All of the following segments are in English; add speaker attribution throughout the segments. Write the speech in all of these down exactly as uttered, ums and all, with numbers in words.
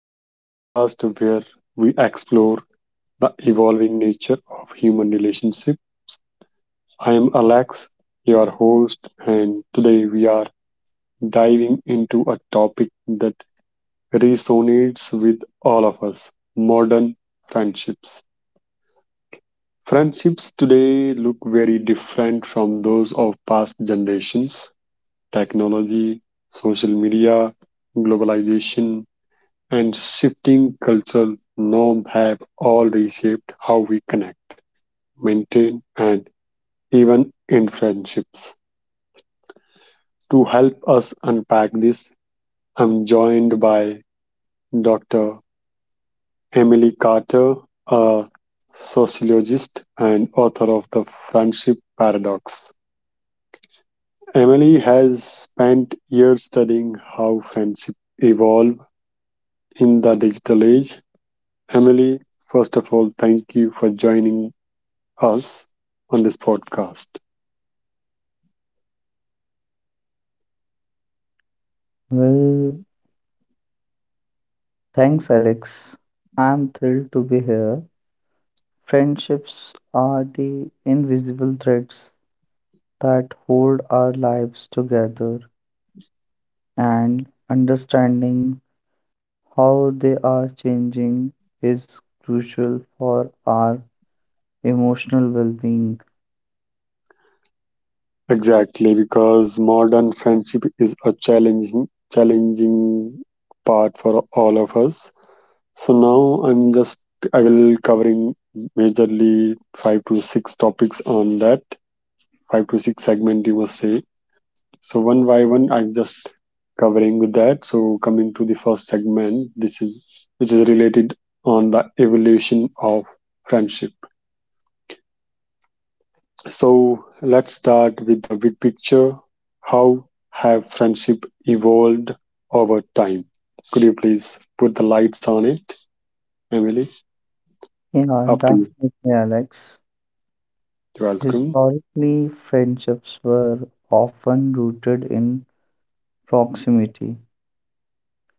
Speaker 1: the podcast where we explore the evolving nature of human relationship. I am Alex, your host, and today we are diving into a topic that resonates with all of us, modern friendships. Friendships today look very different from those of past generations technology, social media, globalization, and shifting cultural norms have all reshaped how we connect, maintain, and even in friendships. To help us unpack this, I'm joined by Doctor Emily Carter, a sociologist and author of The Friendship Paradox. Emily has spent years studying how friendships evolve in the digital age. Emily, first of all, thank you for joining us on this podcast.
Speaker 2: Well, thanks, Alex. I'm thrilled to be here. Friendships are the invisible threads that hold our lives together, and understanding how they are changing is crucial for our emotional well being.
Speaker 1: Exactly, because modern friendship is a challenging, challenging part for all of us. So now I'm just I will covering majorly five to six topics on that, five to six segment you must say. So one by one, I'm just covering with that. So coming to the first segment, this is which is related on the evolution of friendship. So let's start with the big picture. How have friendship evolved over time? Could you please put the lights on it, Emily?
Speaker 2: Yeah,
Speaker 1: Up to you.
Speaker 2: definitely, Alex.
Speaker 1: You're welcome.
Speaker 2: Historically, friendships were often rooted in proximity.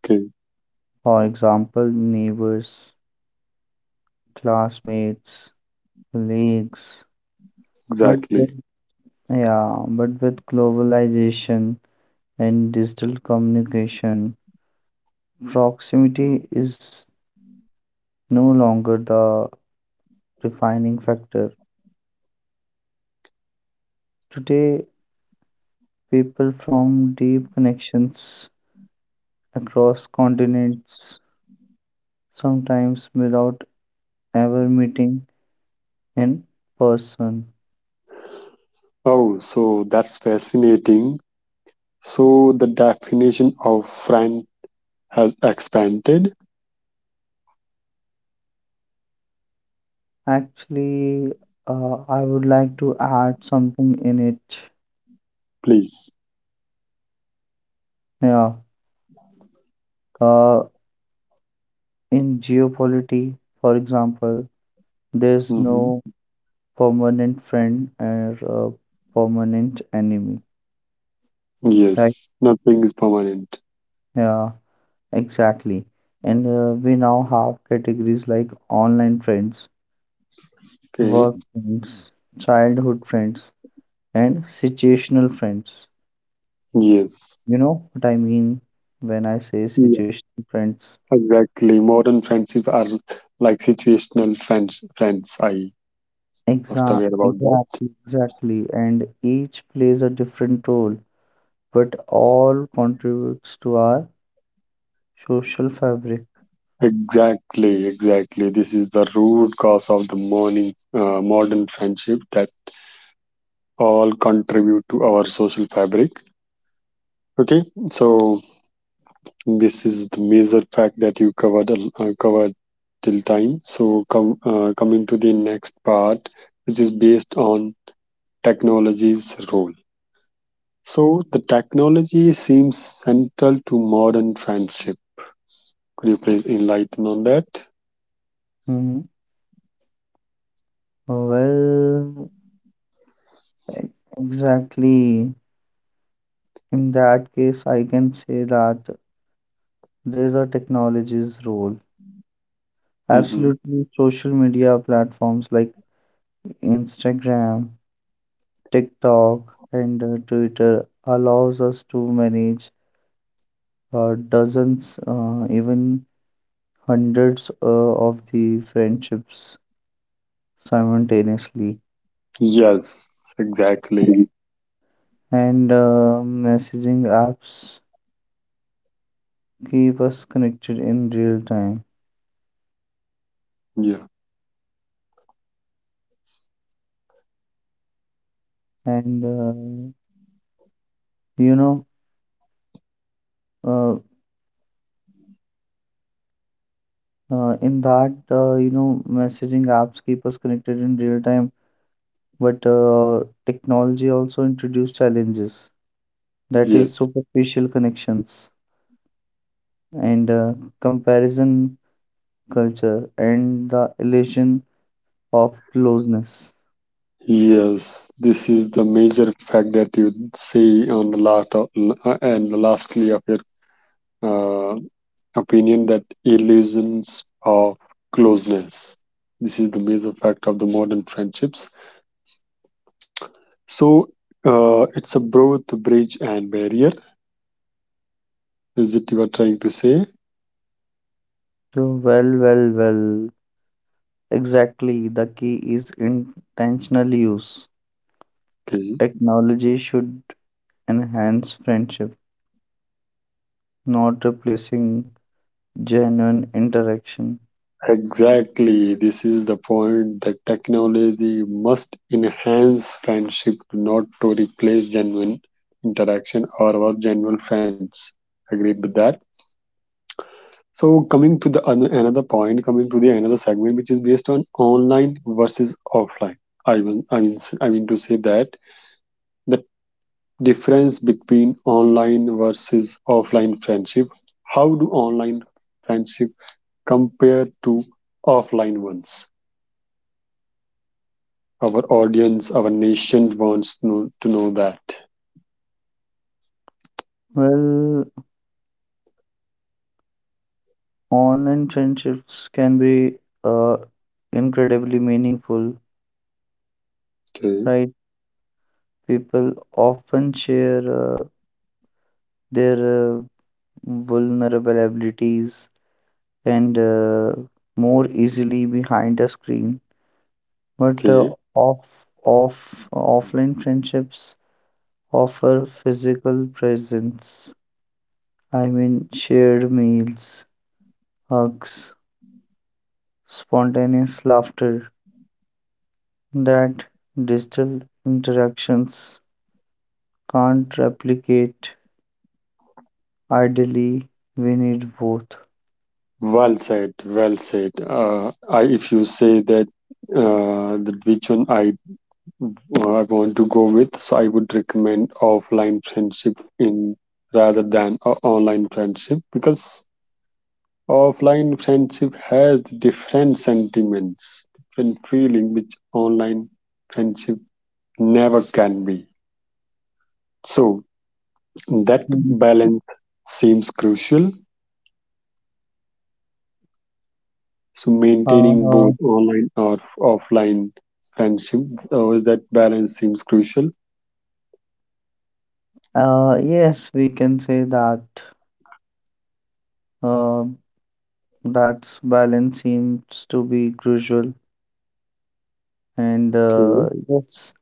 Speaker 1: Okay,
Speaker 2: For example, neighbors, classmates, colleagues. But
Speaker 1: exactly.
Speaker 2: with- yeah, but with globalization and digital communication, proximity is no longer the defining factor. Today, people from deep connections across continents, sometimes without ever meeting in person.
Speaker 1: Oh, so that's fascinating. So the definition of friend has expanded.
Speaker 2: Actually, uh, I would like to add something in it.
Speaker 1: Please.
Speaker 2: Yeah. Uh, In geopolity, for example, there's
Speaker 1: hmm
Speaker 2: no permanent friend or uh, permanent enemy. Right?
Speaker 1: Yes, nothing is permanent.
Speaker 2: Yeah, exactly. And uh, we now have categories like online friends,
Speaker 1: Okay.
Speaker 2: work friends, childhood friends, and situational friends.
Speaker 1: Yes.
Speaker 2: You know what I mean when I say
Speaker 1: Yeah.
Speaker 2: situational friends?
Speaker 1: Exactly. Modern friendship are like situational friends. Friends, I must
Speaker 2: Exa
Speaker 1: aware about that.
Speaker 2: exactly, exactly. And each plays a different role, but all contributes to our social fabric.
Speaker 1: Exactly, exactly. This is the root cause of the morning uh, modern friendship that all contribute to our social fabric. Okay, so this is the major fact that you covered al- uh, covered till time. So come uh, coming to the next part, which is based on technology's role. So, the technology seems central to modern friendship. Could you please enlighten on that?
Speaker 2: Mhm. Well, e- exactly. In that case, I can say that there's a technology's role.
Speaker 1: hmm
Speaker 2: Absolutely, social media platforms like Instagram, TikTok, and uh, Twitter allows us to manage uh, dozens, uh, even hundreds uh, of the friendships simultaneously.
Speaker 1: Yes, exactly.
Speaker 2: And uh, messaging apps keep us connected in real time.
Speaker 1: Yeah.
Speaker 2: And uh, you know, uh, uh, in that, uh, you know, messaging apps keep us connected in real time, but uh, technology also introduced challenges. That is
Speaker 1: Yes.
Speaker 2: superficial connections and uh, comparison culture and the illusion of closeness.
Speaker 1: Yes. This is the major fact that you say on the last of, uh, and lastly of your uh, opinion that illusions of closeness. This is the major fact of the modern friendships. So uh, it's a both bridge and barrier. Is it you are trying to say?
Speaker 2: So, well, well, well. Exactly, the key is intentional use.
Speaker 1: Okay.
Speaker 2: Technology should enhance friendship, not replacing genuine interaction.
Speaker 1: Exactly. This is the point that technology must enhance friendship, not to replace genuine interaction or our genuine friends. Agreed with that. So coming to the an- another point, coming to the another segment, which is based on online versus offline. I mean, I mean, I mean to say that the difference between online versus offline friendship, how do online friendship compare to offline ones? Our audience, our nation wants to know, to know that.
Speaker 2: Well, online friendships can be uh, incredibly meaningful,
Speaker 1: Okay.
Speaker 2: right? People often share uh, their uh, vulnerabilities and uh, more easily behind a screen. But uh,
Speaker 1: Okay.
Speaker 2: off, off, offline friendships offer physical presence. I mean, shared meals, hugs, spontaneous laughter that digital interactions can't replicate. Ideally, we need both.
Speaker 1: Well said well said uh, I, if you say that uh, that which one I, uh, I want to go with, so I would recommend offline friendship in rather than a online friendship, because offline friendship has different sentiments, different feeling which online friendship never can be. So that
Speaker 2: Mm,
Speaker 1: balance seems crucial. So maintaining
Speaker 2: Uh,
Speaker 1: both online or f- offline friendship, always that balance seems crucial.
Speaker 2: uh, yes, we can say that. Uh, that's balance seems to be crucial, and
Speaker 1: Okay.
Speaker 2: uh, yes,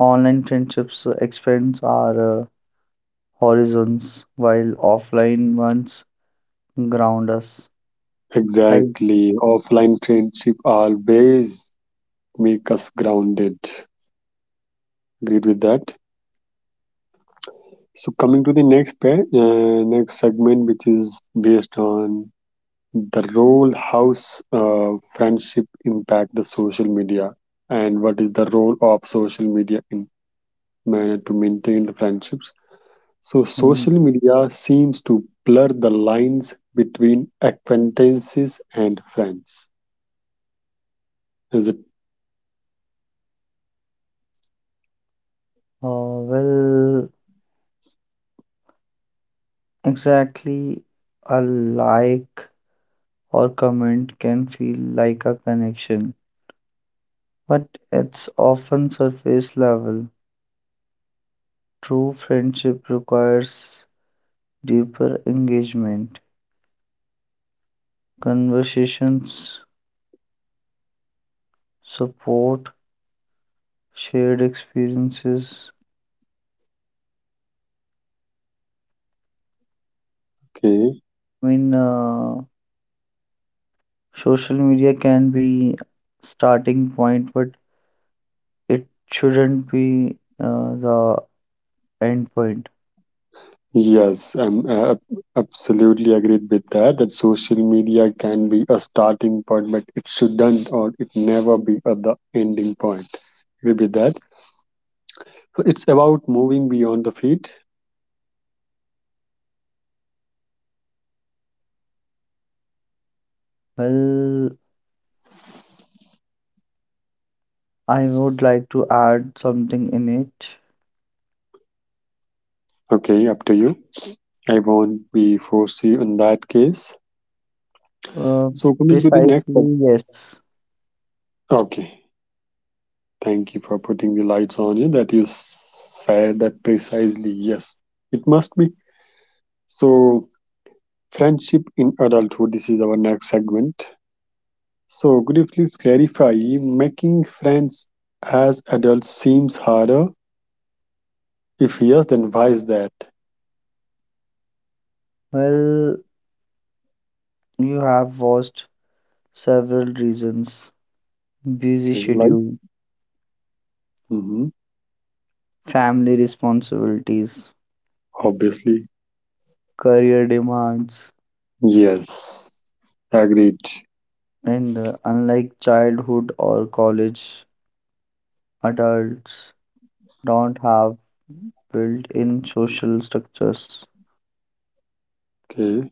Speaker 2: online friendships expand our uh, horizons while offline ones ground us. Right.
Speaker 1: Exactly. Offline friendship always make us grounded. Agreed with that. So coming to the next pair, uh, next segment, which is based on the role house, uh, friendship impact the social media, and what is the role of social media in manner to maintain the friendships. So
Speaker 2: Mhm.
Speaker 1: social media seems to blur the lines between acquaintances and friends. Is it
Speaker 2: Uh, well, exactly, a like or comment can feel like a connection, but it's often surface level. True friendship requires deeper engagement, conversations, support, shared experiences.
Speaker 1: okay?
Speaker 2: I mean, uh, social media can be starting point, but it shouldn't be uh, the end point.
Speaker 1: Yes, I'm uh, absolutely agreed with that. That social media can be a starting point, but it shouldn't or it never be at the ending point. Agree with that. So it's about moving beyond the feet.
Speaker 2: Well, I would like to add something in it.
Speaker 1: Okay, up to you. I won't be foresee on that case.
Speaker 2: Uh,
Speaker 1: So coming to the next.
Speaker 2: Precisely, yes.
Speaker 1: Okay, thank you for putting the lights on you. That you said that precisely. Yes, it must be. So friendship in adulthood. This is our next segment. So, could you please clarify making friends as adults seems harder? If yes, then why is that?
Speaker 2: Well, you have watched several reasons, busy
Speaker 1: Okay, like,
Speaker 2: schedule,
Speaker 1: hmm
Speaker 2: family responsibilities,
Speaker 1: obviously,
Speaker 2: career demands,
Speaker 1: yes, agreed.
Speaker 2: and uh, unlike childhood or college, adults don't have built in social structures,
Speaker 1: Okay,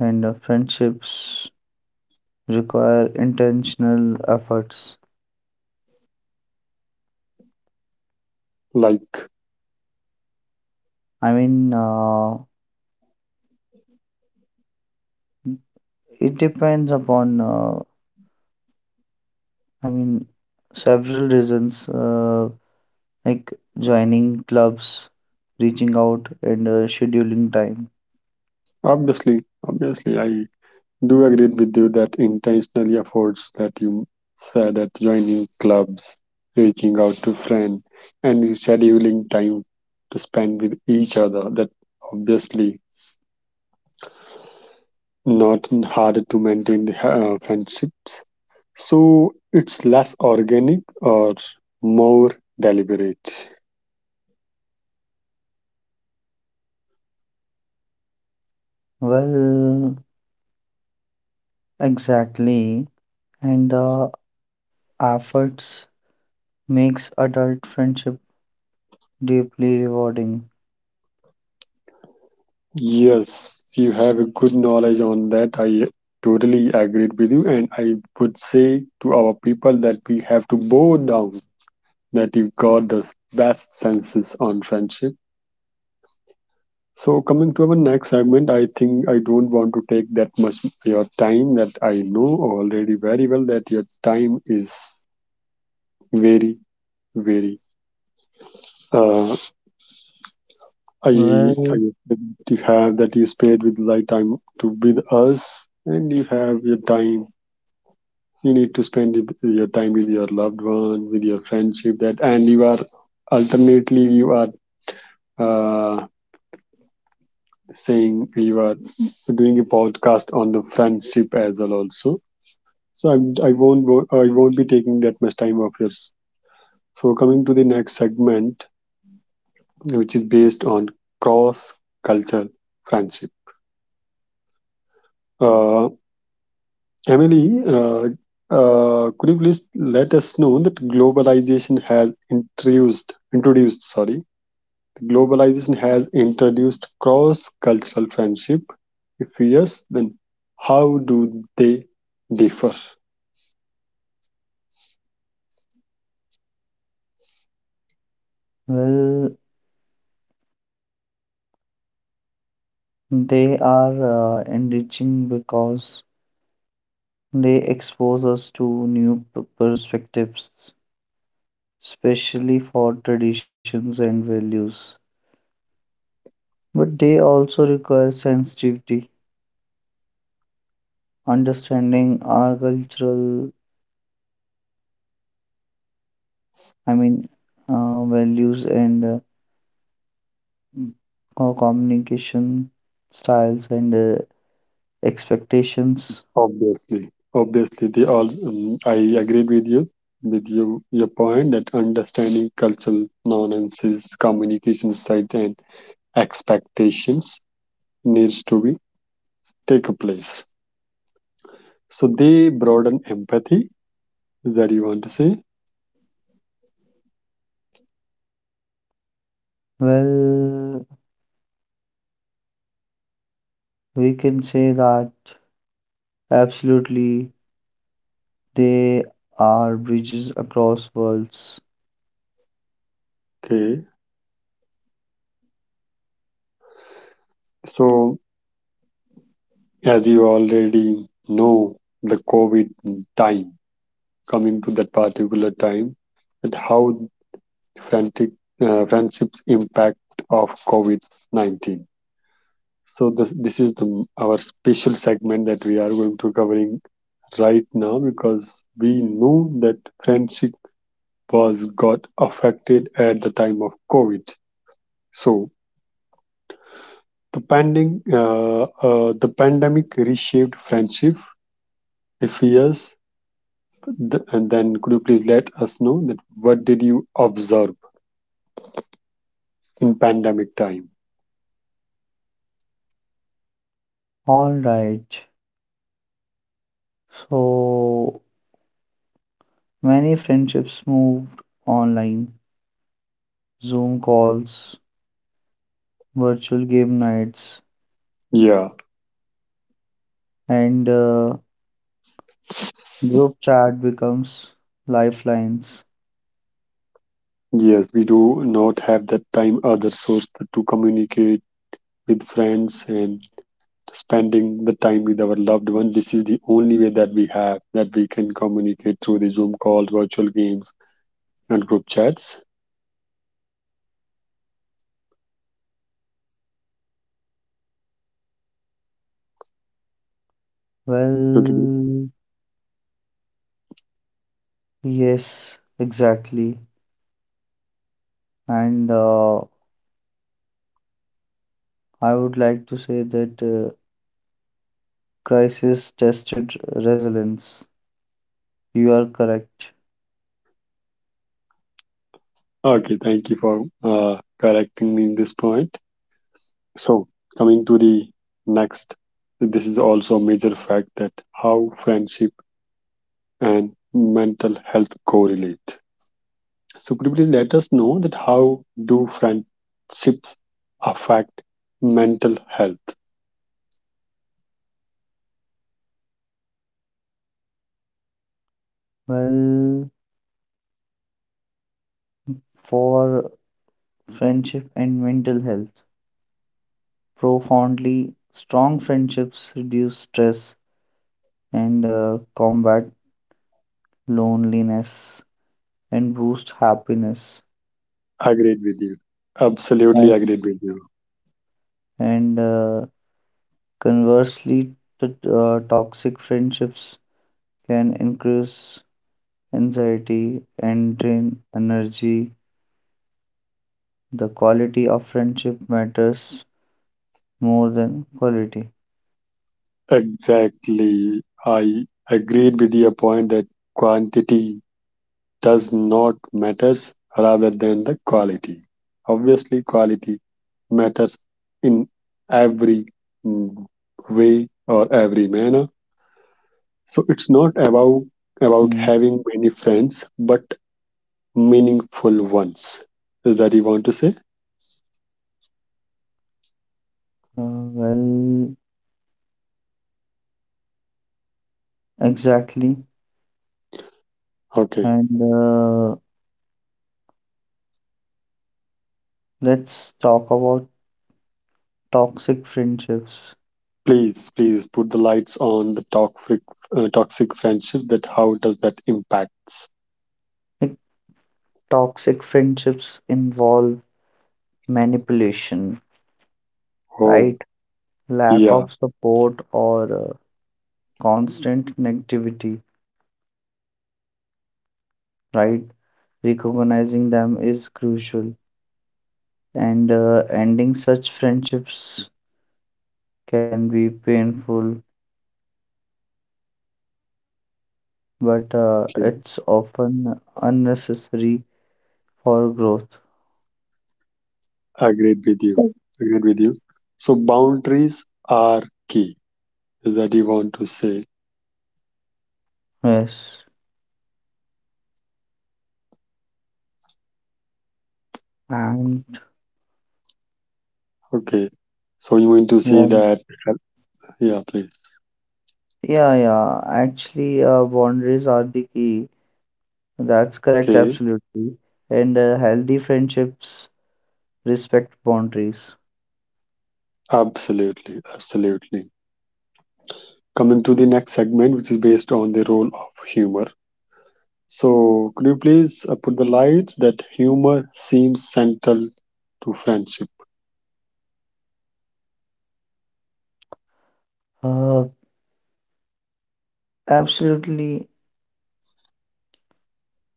Speaker 2: and uh, friendships require intentional efforts.
Speaker 1: like,
Speaker 2: I mean, uh, it depends upon, uh, I mean, several reasons uh, like joining clubs, reaching out, and uh, scheduling time.
Speaker 1: obviously, obviously, I do agree with you that intentionally efforts that you said that joining clubs, reaching out to friends, and scheduling time to spend with each other. That obviously not harder to maintain the uh, friendships. So it's less organic or more deliberate.
Speaker 2: Well, exactly. And the efforts makes adult friendship deeply rewarding.
Speaker 1: Yes, you have a good knowledge on that. I totally agreed with you, and I would say to our people that we have to bow down that you got the best senses on friendship. So coming to our next segment, I think I don't want to take that much your time, that I know already very well that your time is very vary. Uh, I, I you
Speaker 2: Well,
Speaker 1: have that you spend with light time to with us, and you have your time. You need to spend it- your time with your loved one, with your friendship. That, and you are alternately you are uh, saying you are doing a podcast on the friendship as well also. So I'm, I I will not go- I won't be taking that much time of yours. So coming to the next segment, which is based on cross cultural friendship. Uh, Emily, uh, uh, could you please let us know that globalization has introduced introduced sorry globalization has introduced cross cultural friendship? If yes, then how do they differ?
Speaker 2: well, they are uh, enriching because they expose us to new p- perspectives, especially for traditions and values. But they also require sensitivity, understanding our cultural, I mean, uh, values and uh, our communication styles and uh, expectations.
Speaker 1: Obviously, obviously they all. Um, I agreed with you with you your point that understanding cultural nuances, communication styles, and expectations needs to be take place. So they broaden empathy. Is that you want to say?
Speaker 2: Well, we can say that absolutely they are bridges across worlds.
Speaker 1: Okay. So as you already know, the COVID time, coming to that particular time, and how frantic uh, friendships impact of COVID nineteen. So this this is the our special segment that we are going to covering right now, because we know that friendship was got affected at the time of COVID. So The pandemic, uh, uh, the pandemic reshaped friendship. If yes, th- and then could you please let us know that what did you observe in pandemic time?
Speaker 2: All right. So many friendships moved online, Zoom calls, virtual game nights,
Speaker 1: Yeah,
Speaker 2: and uh, group chat becomes lifelines.
Speaker 1: yes, we do not have that time other source to communicate with friends and spending the time with our loved one. This is the only way that we have, that we can communicate through the Zoom calls, virtual games, and group chats. Okay.
Speaker 2: Well, yes, exactly. And uh, I would like to say that uh, crisis tested resilience. You are correct.
Speaker 1: Okay, thank you for uh, correcting me in this point. So, coming to the next, this is also a major fact that how friendship and mental health correlate. So, could you please let us know that how do friendships affect mental health?
Speaker 2: Well, for friendship and mental health, profoundly strong friendships reduce stress and uh, combat loneliness and boost happiness.
Speaker 1: Agreed with you. Absolutely
Speaker 2: Right.
Speaker 1: agreed with you.
Speaker 2: And uh, conversely, t- uh, toxic friendships can increase anxiety and drain energy. The quality of friendship matters more than quality.
Speaker 1: Exactly. I agreed with your point that quantity does not matters rather than the quality. Obviously quality matters in every mm, way or every manner. So it's not about about
Speaker 2: Hmm.
Speaker 1: having many friends but meaningful ones. Is that you want to say?
Speaker 2: Uh, well, exactly.
Speaker 1: Okay.
Speaker 2: And uh, let's talk about toxic friendships.
Speaker 1: Please, please put the lights on the toxic uh, toxic friendship, that how does that impacts.
Speaker 2: Like, toxic friendships involve manipulation,
Speaker 1: Oh.
Speaker 2: right? Lack
Speaker 1: Yeah.
Speaker 2: of support or uh, constant negativity, right? Recognizing them is crucial, and uh, ending such friendships can be painful, but uh,
Speaker 1: Okay.
Speaker 2: it's often unnecessary for growth.
Speaker 1: Agreed with you. Agreed with you. So boundaries are key. Is that you want to say?
Speaker 2: Yes, and
Speaker 1: Okay. So you want to say
Speaker 2: one.
Speaker 1: that? Yeah, please.
Speaker 2: Yeah, yeah. Actually, uh, boundaries are the key. That's correct,
Speaker 1: Okay.
Speaker 2: absolutely. And uh, healthy friendships respect boundaries.
Speaker 1: Absolutely. Absolutely. Coming to the next segment, which is based on the role of humor. So could you please uh, put the lights that humor seems central to friendship?
Speaker 2: Uh, Absolutely,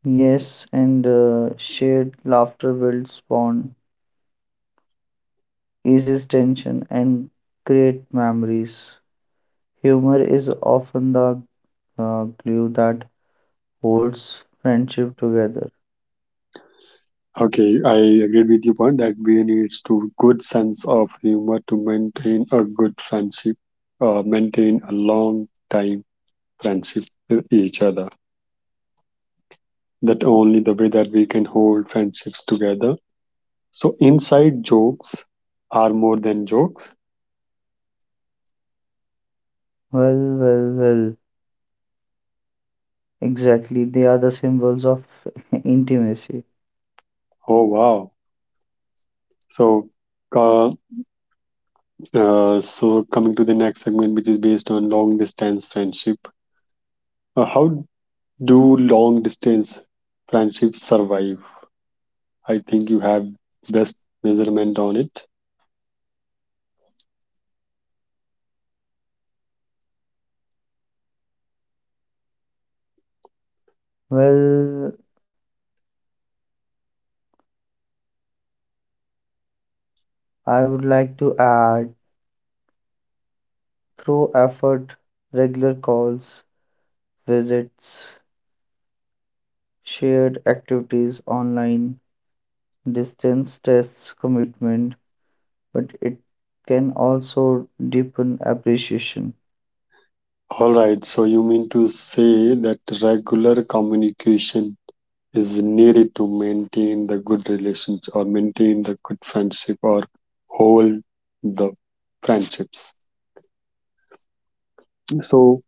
Speaker 2: yes. And uh, shared laughter builds bond, eases tension, and create memories. Humor is often the uh, glue that holds friendship together.
Speaker 1: Okay, I agreed with your point that we needs to good sense of humor to maintain a good friendship, uh, maintain a long time friendship with each other. That only the way that we can hold friendships together. So inside jokes are more than jokes.
Speaker 2: Well, well, well. Exactly, they are the symbols of intimacy.
Speaker 1: Oh wow! So, uh, uh, so coming to the next segment, which is based on long distance friendship. Uh, how do long distance friendships survive? I think you have best measurement on it.
Speaker 2: Well, I would like to add through effort, regular calls, visits, shared activities online, distance tests, commitment, but it can also deepen appreciation.
Speaker 1: All right, so you mean to say that regular communication is needed to maintain the good relations or maintain the good friendship or hold the friendships. So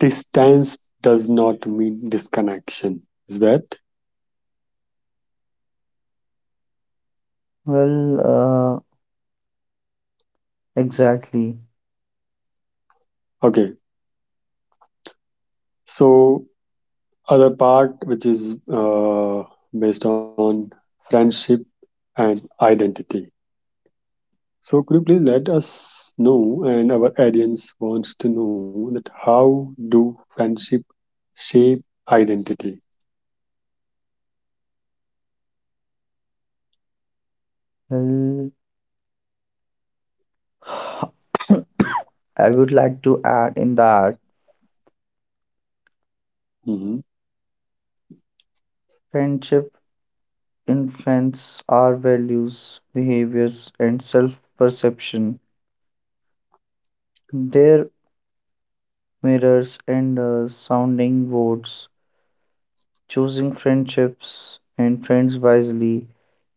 Speaker 1: distance does not mean disconnection. Is that
Speaker 2: Well, uh, exactly.
Speaker 1: okay? So other part which is uh, based on friendship and identity. So could you please let us know, and our audience wants to know, that how do friendship shape identity?
Speaker 2: Well, I would like to add in that
Speaker 1: hmm
Speaker 2: friendship influence our values, behaviors, and self perception. Their mirrors and uh, sounding boards. Choosing friendships and friends wisely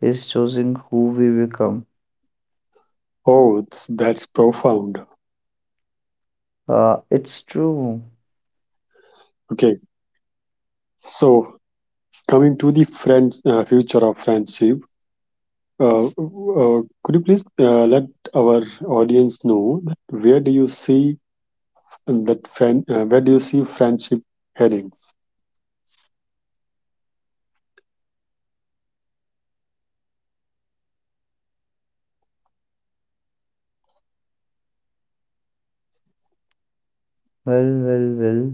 Speaker 2: is choosing who we become.
Speaker 1: Oh, it's, that's profound.
Speaker 2: Uh, it's true.
Speaker 1: Okay, so coming to the friend uh, future of friendship, uh, uh, could you please uh, let our audience know that where do you see that friend? Uh, where do you see friendship headings?
Speaker 2: Well, well, well.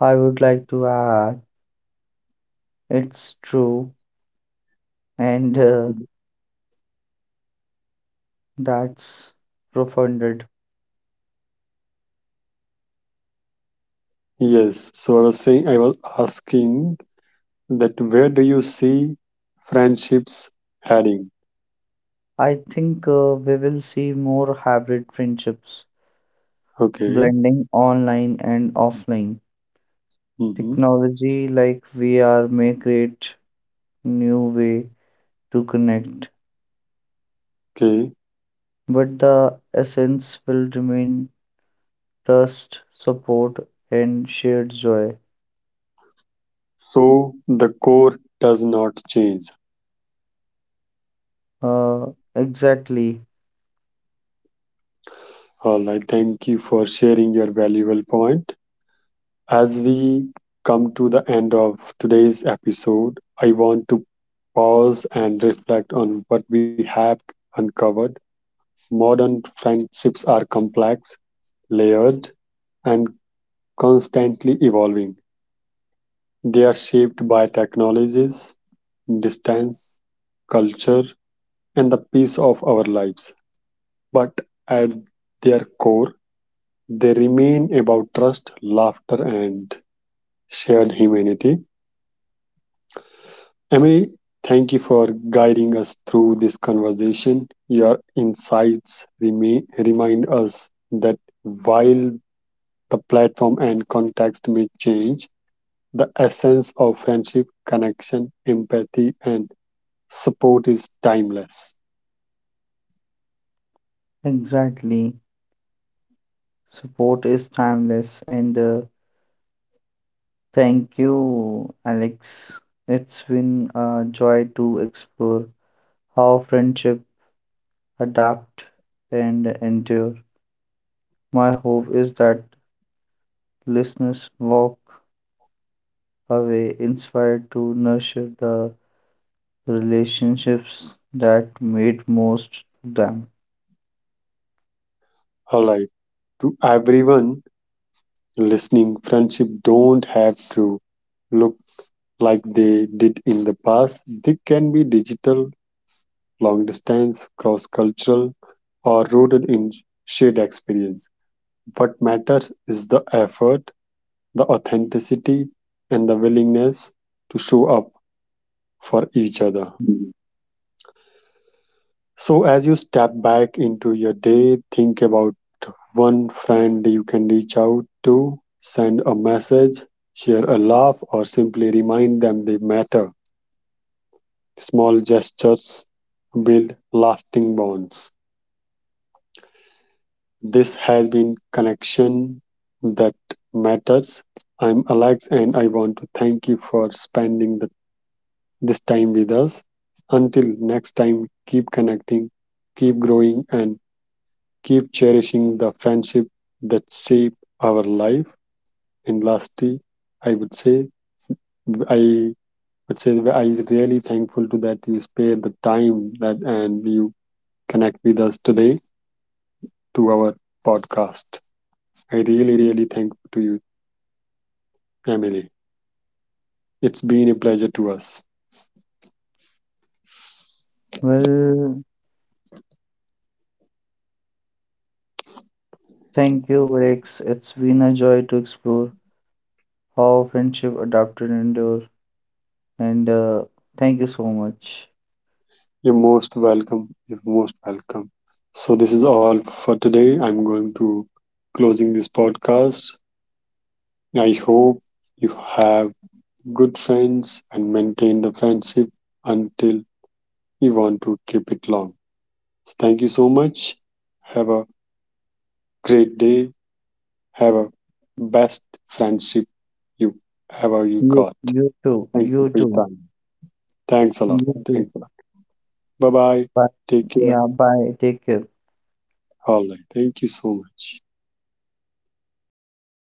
Speaker 2: I would like to add it's true. And uh, that's profounded.
Speaker 1: Yes, so I was saying, I was asking, that where do you see friendships heading?
Speaker 2: I think uh, we will see more hybrid friendships,
Speaker 1: Okay.
Speaker 2: blending online and offline.
Speaker 1: Mm-hmm.
Speaker 2: Technology like V R may create new way to connect,
Speaker 1: Okay.
Speaker 2: but the essence will remain trust, support, and shared joy.
Speaker 1: So the core does not change.
Speaker 2: Uh, exactly,
Speaker 1: All right. Thank you for sharing your valuable point. As we come to the end of today's episode, I want to pause and reflect on what we have uncovered. Modern friendships are complex, layered, and constantly evolving. They are shaped by technologies, distance, culture, and the peace of our lives. But at their core, they remain about trust, laughter, and shared humanity. Emily, thank you for guiding us through this conversation. Your insights remain, remind us that while the platform and context may change, the essence of friendship, connection, empathy, and support is timeless.
Speaker 2: exactly. Support is timeless, and uh, thank you, Alex. It's been a joy to explore how friendship adapt and endure. My hope is that listeners walk away inspired to nurture the relationships that made most to them.
Speaker 1: All right. To everyone listening, friendship don't have to look like they did in the past. They can be digital, long distance, cross cultural, or rooted in shared experience. What matters is the effort, the authenticity, and the willingness to show up for each other. So, as you step back into your day, think about one friend you can reach out to, send a message, share a laugh, or simply remind them they matter. Small gestures build lasting bonds. This has been Connection That Matters. I'm Alex, and I want to thank you for spending the, this time with us. Until next time, keep connecting, keep growing, and keep cherishing the friendship that shape our life. And lastly, I would say I would say that I really thankful to that you spared the time, that and you connect with us today to our podcast. I really, really thankful to you, Emily. It's been a pleasure to us.
Speaker 2: Well, thank you, Alex. It's been a joy to explore how friendship adapted and endure. And uh, thank you so much.
Speaker 1: You're most welcome. You're most welcome. So this is all for today. I'm going to closing this podcast. I hope you have good friends and maintain the friendship until you want to keep it long. So thank you so much. Have a great day. Have a best friendship you ever you
Speaker 2: You,
Speaker 1: got.
Speaker 2: you too.
Speaker 1: Thank you
Speaker 2: You
Speaker 1: for your
Speaker 2: too.
Speaker 1: time. Thanks a lot.
Speaker 2: You
Speaker 1: Thanks
Speaker 2: too.
Speaker 1: a lot. Bye bye.
Speaker 2: Bye.
Speaker 1: Take care.
Speaker 2: Yeah, bye. Take care.
Speaker 1: All right. Thank you so much.